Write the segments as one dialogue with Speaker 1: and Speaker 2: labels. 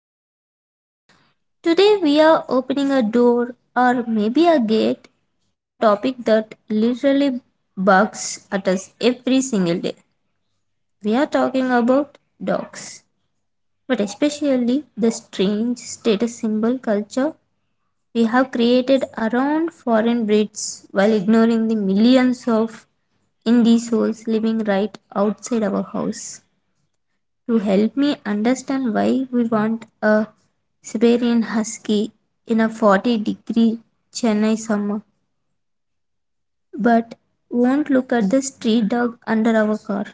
Speaker 1: podcast. Today we are opening a door, or maybe a gate, to a topic that literally bugs at us every single day. We are talking about dogs, but especially the strange status symbol culture we have created around foreign breeds while ignoring the millions of indie souls living right outside our house. To help me understand why we want a Siberian Husky in a 40-degree Chennai summer, but won't look at the street dog under our car,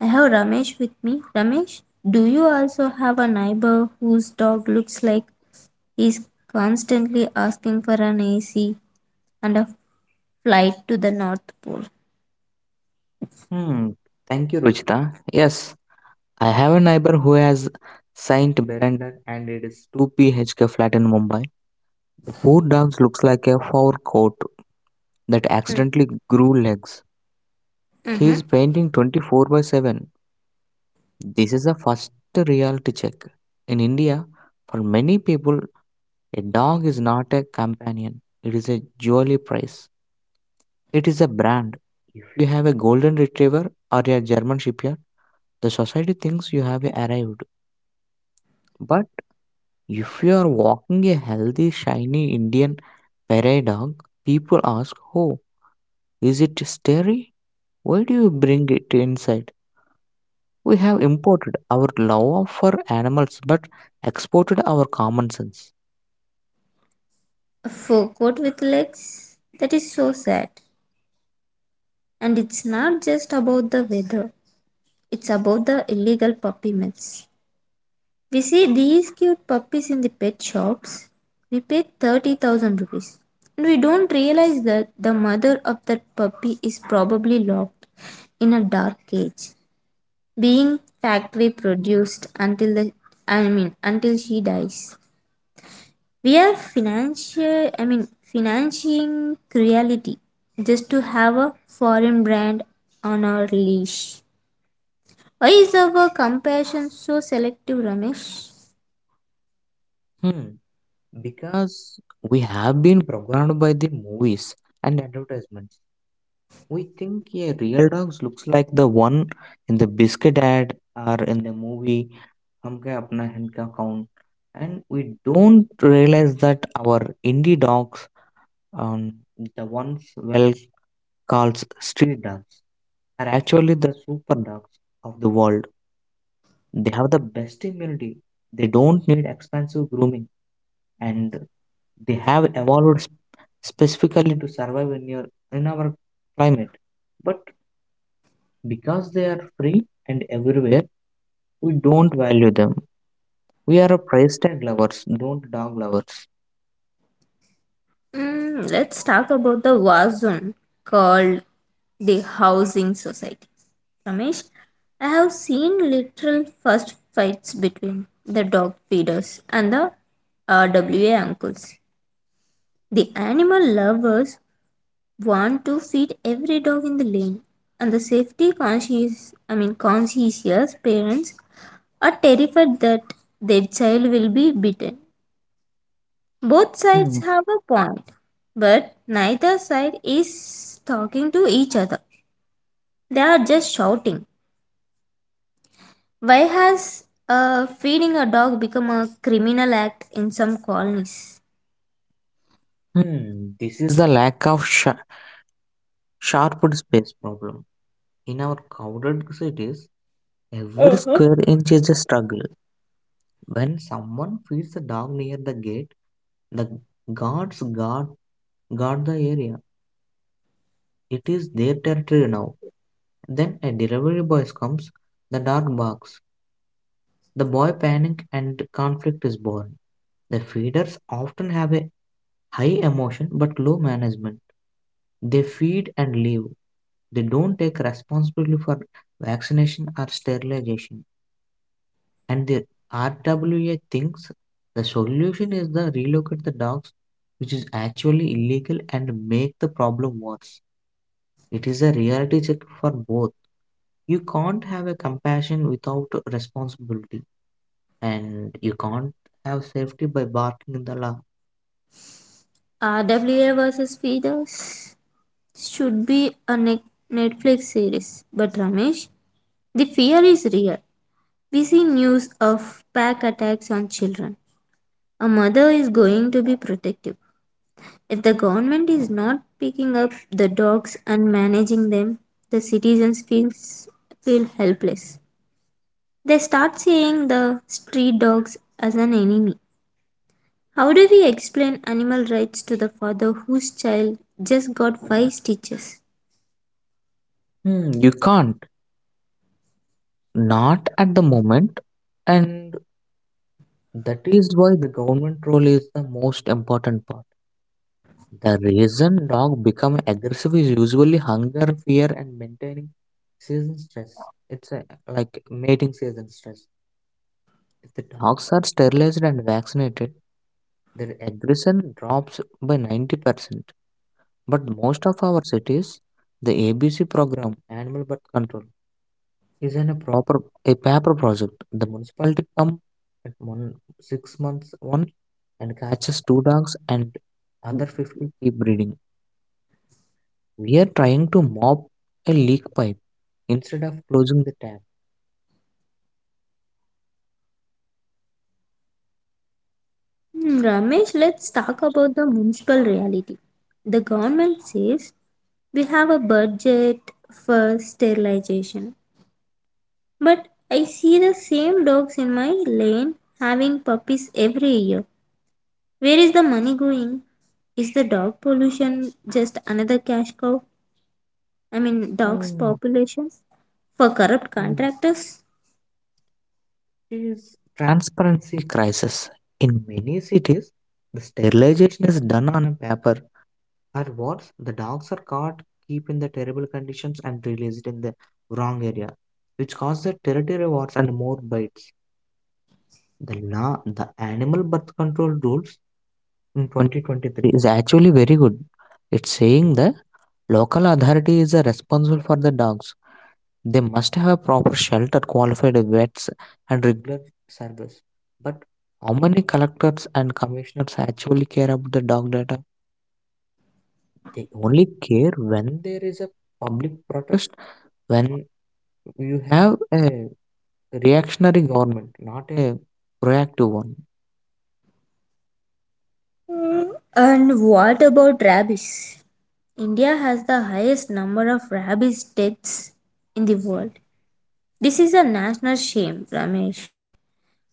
Speaker 1: I have Ramesh with me. Ramesh, do you also have a neighbor whose dog looks like he's constantly asking for an AC and a flight to the North Pole?
Speaker 2: Hmm. Thank you, Ruchita. Yes, I have a neighbor who has Saint Berander and it is 2PHK flat in Mumbai. The poor dog looks like a fur coat that accidentally grew legs. He
Speaker 1: Mm-hmm.
Speaker 2: is painting 24 by 7. This is a first reality check. In India, for many people, a dog is not a companion. It is a jewelry prize. It is a brand. If you have a golden retriever or a German shepherd, the society thinks you have arrived. But if you are walking a healthy, shiny Indian prairie dog, people ask, "Oh, is it scary? Why do you bring it inside?" We have imported our love for animals but exported our common sense.
Speaker 1: A fur coat with legs? That is so sad. And it's not just about the weather. It's about the illegal puppy mills. We see these cute puppies in the pet shops. We pay 30,000 rupees. And we don't realize that the mother of that puppy is probably locked in a dark cage, being factory produced until the I mean until she dies. We are financial I mean financing cruelty just to have a foreign brand on our leash. Why is our compassion so selective, Ramesh?
Speaker 2: Hmm. Because we have been programmed by the movies and advertisements. We think a real dog looks like the one in the biscuit ad or in the movie हम क्या अपना hand का count, and we don't realize that our indie dogs, um, the ones well called street dogs, are actually the super dogs of the world. They have the best immunity, they don't need expensive grooming, and they have evolved specifically to survive in your in our climate. But because they are free and everywhere, we don't value them. We are a price tag lovers, don't dog lovers.
Speaker 1: Mm, let's talk about the war zone called the housing society. Ramesh, I have seen literal first fights between the dog feeders and the RWA uncles. The animal lovers want to feed every dog in the lane, and the safety conscious, I mean conscientious parents are terrified that their child will be bitten. Both sides
Speaker 2: Hmm.
Speaker 1: have a point, but neither side is talking to each other. They are just shouting. Why has feeding a dog become a criminal act in some colonies?
Speaker 2: Hmm, this is the lack of sharp space problem. In our crowded cities, every
Speaker 1: Uh-huh.
Speaker 2: square inch is a struggle. When someone feeds a dog near the gate, the guards guard the area. It is their territory now. Then a delivery boy comes, the dog barks, the boy panic and conflict is born. The feeders often have a high emotion but low management. They feed and leave. They don't take responsibility for vaccination or sterilization. And the RWA thinks the solution is the relocate the dogs, which is actually illegal and make the problem worse. It is a reality check for both. You can't have a compassion without responsibility, and you can't have safety by barking in the law.
Speaker 1: RWA versus feeders should be a Netflix series, but Ramesh, the fear is real. We see news of pack attacks on children. A mother is going to be protective. If the government is not picking up the dogs and managing them, the feel helpless. They start seeing the street dogs as an enemy. How do we explain animal rights to the father whose child just got 5 stitches?
Speaker 2: Hmm, you can't, not at the moment. And that is why the government role is the most important part. The reason dog become aggressive is usually hunger, fear, and maintaining season stress. It's a, like, mating season stress. If the dogs are sterilized and vaccinated, their aggression drops by 90%. But most of our cities, the ABC program, Animal Birth Control, is in a proper a paper project. The municipality come at one six months one, and catches two dogs, and other 50 keep breeding. We are trying to mop a leak pipe instead of closing the tap.
Speaker 1: Hmm, Ramesh, let's talk about the municipal reality. The government says we have a budget for sterilization, but I see the same dogs in my lane having puppies every year. Where is the money going? Is the dog pollution just another cash cow? Dogs'
Speaker 2: Mm.
Speaker 1: population for corrupt
Speaker 2: mm.
Speaker 1: contractors?
Speaker 2: It is transparency crisis. In many cities, the sterilization is done on a paper, or worse, the dogs are caught, keep in the terrible conditions and released in the wrong area, which causes territory wars and more bites. The law, the animal birth control rules in 2023 is actually very good. It's saying the local authority is responsible for the dogs. They must have a proper shelter, qualified vets, and regular service. But how many collectors and commissioners actually care about the dog data? They only care when there is a public protest, when you have a reactionary government, not a proactive one.
Speaker 1: Mm, and what about rabies? India has the highest number of rabies deaths in the world. This is a national shame, Ramesh.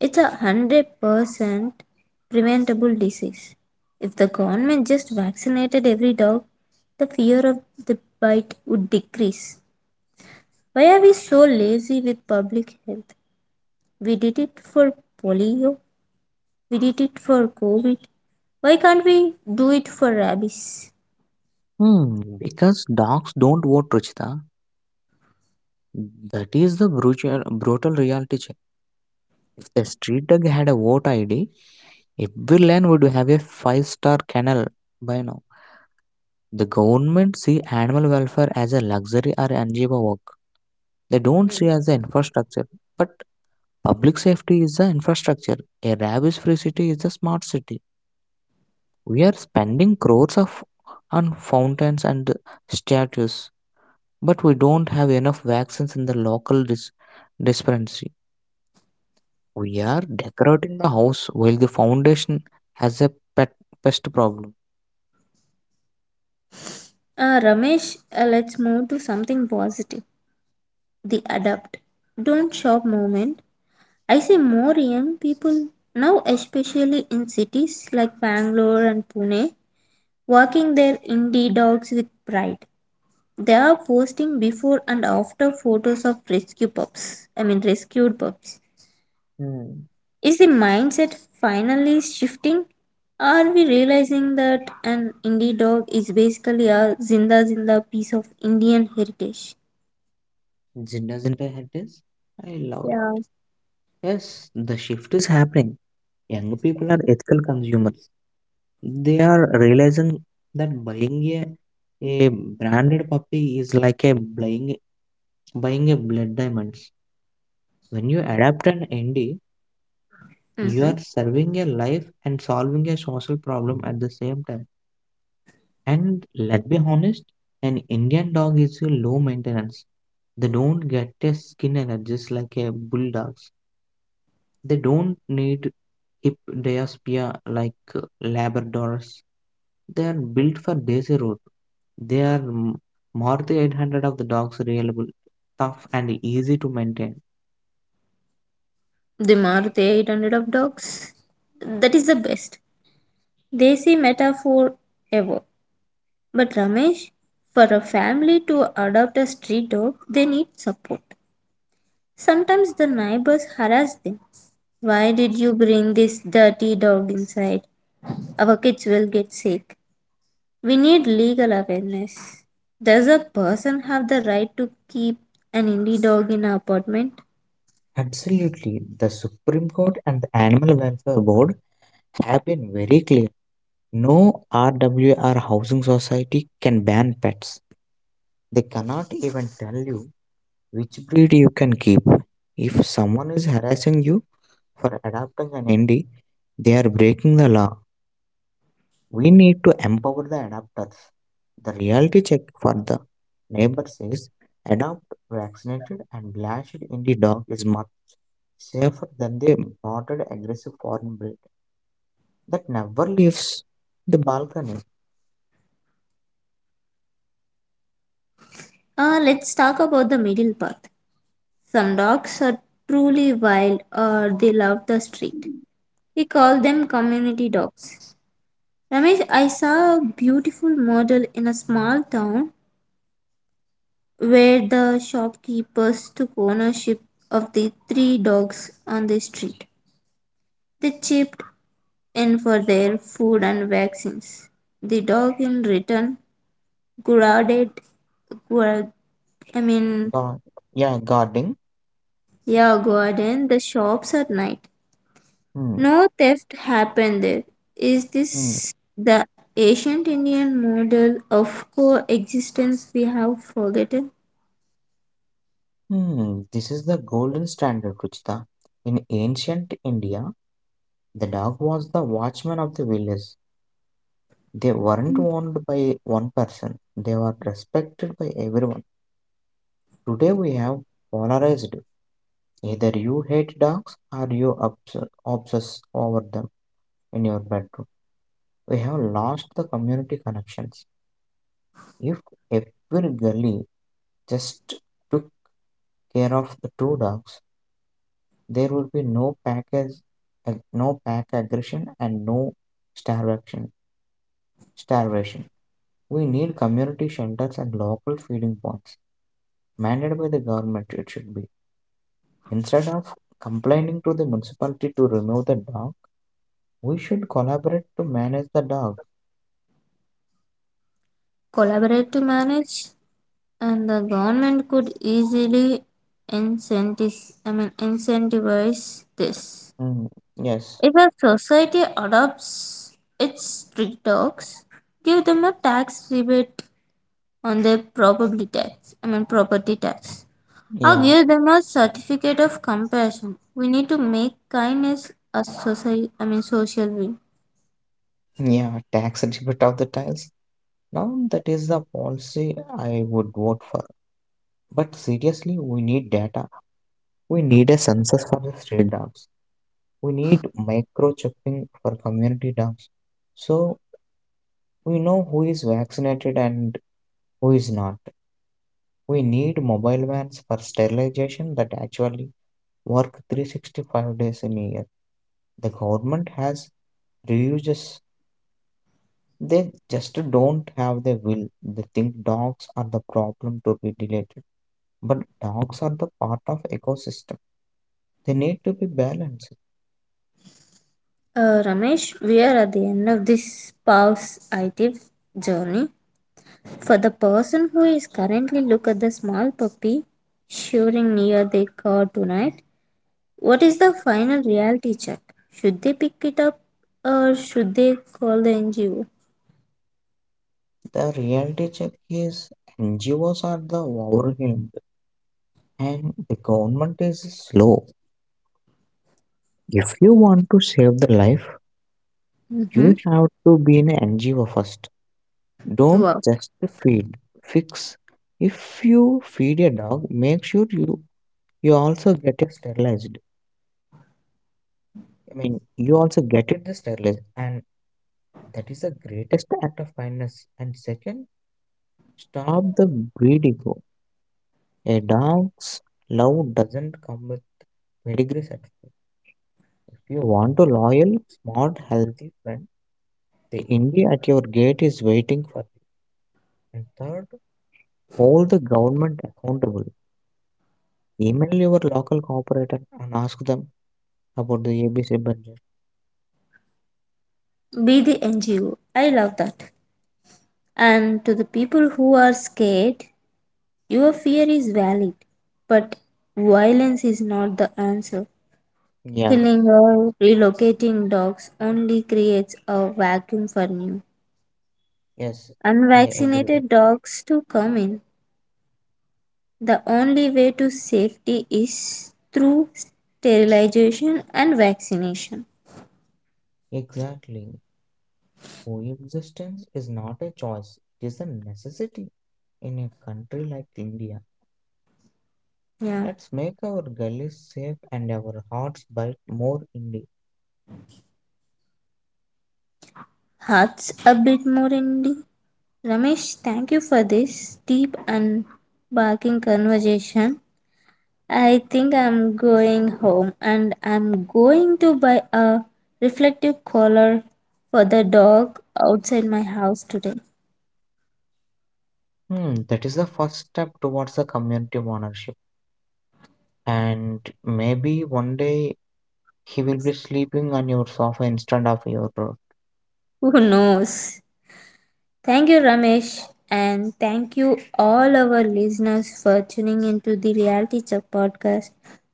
Speaker 1: It's a 100% preventable disease. If the government just vaccinated every dog, the fear of the bite would decrease. Why are we so lazy with public health? We did it for polio, we did it for COVID. Why can't we do it for rabies?
Speaker 2: Hmm, because dogs don't vote, Ruchita. That is the brutal, brutal reality check. If the street dog had a vote ID, every land would have a five-star kennel by now. The government see animal welfare as a luxury or NGO work. They don't see as the
Speaker 1: Mm.
Speaker 2: infrastructure. But public safety is the infrastructure. A rabies free city is a smart city. We are spending crores of on fountains and statues, but we don't have enough vaccines in the local dispensary. We are decorating the house while the foundation has a pet pest problem.
Speaker 1: Ramesh, let's move to something positive. The adapt, don't shop moment. I see more young people now, especially in cities like Bangalore and Pune, walking their indie dogs with pride. They are posting before and after photos of rescued pups.
Speaker 2: Hmm.
Speaker 1: Is the mindset finally shifting? Are we realizing that an indie dog is basically a zinda piece of Indian heritage?
Speaker 2: Doesn't, I hate this? I love it.
Speaker 1: Yeah.
Speaker 2: Yes, the shift is happening. Young people are ethical consumers. They are realizing that buying a branded puppy is like a buying a blood diamonds. When you adapt an ND, you are
Speaker 1: Mm-hmm.
Speaker 2: serving a life and solving a social problem at the same time. And let's be honest, an Indian dog is a low maintenance. They don't get a skin allergies like a bulldogs. They don't need hip diaspia like Labradors. They are built for daisy road. They are m- More than 800 of the dogs reliable, tough and easy to maintain.
Speaker 1: The Maruti 800 of dogs. That is the best Desi metaphor ever. But Ramesh, for a family to adopt a street dog, they need support. Sometimes the neighbors harass them. Why did you bring this dirty dog inside? Our kids will get sick. We need legal awareness. Does a person have the right to keep an indie dog in an apartment?
Speaker 2: Absolutely. The Supreme Court and the Animal Welfare Board have been very clear. No RWR housing society can ban pets. They cannot even tell you which breed you can keep. If someone is harassing you for adopting an indie, they are breaking the law. We need to empower the adopters. The reality check for the neighbor says adopt vaccinated and lashed indie dog is much safer than the imported aggressive foreign breed that never leaves the balcony.
Speaker 1: Let's talk about the middle path. Some dogs are truly wild or they love the street. We call them community dogs. Ramesh, I saw a beautiful model in a small town where the shopkeepers took ownership of the 3 dogs on the street. They chipped in for their food and vaccines. The dog in return guarded, guard, I mean,
Speaker 2: Gar- yeah, guarding.
Speaker 1: yeah, guarded the shops at night.
Speaker 2: Hmm.
Speaker 1: No theft happened there. Is
Speaker 2: hmm.
Speaker 1: this the ancient Indian model of coexistence we have forgotten?
Speaker 2: Hmm, this is the golden standard, Ruchita. In ancient India, the dog was the watchman of the village. They weren't owned by one person, they were respected by everyone. Today we have polarized. Either you hate dogs or you obsess over them in your bedroom. We have lost the community connections. If every gully just took care of the two dogs, there would be no no pack aggression and no starvation starvation. We need community shelters and local feeding points mandated by the government, it should be, instead of complaining to the municipality to remove the dog, we should collaborate to manage the dog.
Speaker 1: Collaborate to manage, and the government could easily incentivize I mean incentivize this.
Speaker 2: Mm, yes.
Speaker 1: If a society adopts its street dogs, give them a tax rebate on their property tax, or
Speaker 2: Yeah,
Speaker 1: give them a certificate of compassion. We need to make kindness a society. I mean social win.
Speaker 2: yeah, tax rebate of the tiles. Now that is the policy I would vote for. But seriously, we need data, we need a census for the stray dogs, we need microchipping for community dumps, so we know who is vaccinated and who is not. We need mobile vans for sterilization that actually work 365 days in a year. The government has reuses, they just don't have the will. They think dogs are the problem to be deleted, but dogs are the part of ecosystem, they need to be balanced.
Speaker 1: Uh, Ramesh, we are at the end of this pause it journey. For the person who is currently look at the small puppy shivering near their car tonight, what is the final reality check? Should they pick it up or should they call the NGO?
Speaker 2: The reality check is NGOs are the overwhelmed, and the government is slow. If you want to save the life, you
Speaker 1: Mm-hmm.
Speaker 2: have to be an NGO first. Don't
Speaker 1: Wow.
Speaker 2: just feed, fix. If you feed a dog, make sure you also get it sterilized. I mean, you also get it the sterilized, and that is the greatest act of kindness. And second, stop the breed ego. A dog's love doesn't come with pedigree certificate. If you want a loyal, smart, healthy friend, the India at your gate is waiting for you. And third, hold the government accountable. Email your local cooperator and ask them about the ABC budget.
Speaker 1: Be the NGO. I love that. And to the people who are scared, your fear is valid, but violence is not the answer.
Speaker 2: Yes,
Speaker 1: Killing or relocating dogs only creates a vacuum for new,
Speaker 2: yes, I agree with
Speaker 1: unvaccinated
Speaker 2: you.
Speaker 1: dogs to come in. The only way to safety is through sterilization and vaccination.
Speaker 2: Exactly. Coexistence is not a choice, it is a necessity. In a country like India,
Speaker 1: Yeah,
Speaker 2: let's make our gullies safe and our hearts bite more India.
Speaker 1: hearts a bit more indie. The Ramesh, thank you for this deep and barking conversation. I think I'm going home and I'm going to buy a reflective collar for the dog outside my house today.
Speaker 2: Hmm, that is the first step towards the community ownership. And maybe one day he will be sleeping on your sofa instead of your
Speaker 1: Who knows? Thank you, Ramesh, and thank you all our listeners for tuning into the Reality Check podcast.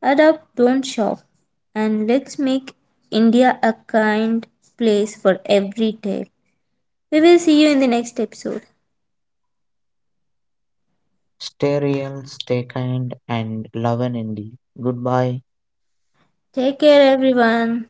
Speaker 1: Adopt, don't shop, and let's make India a kind place for every tale. We will see you in the next episode.
Speaker 2: stereo. Stay kind and love and indie. Goodbye.
Speaker 1: Take care, everyone.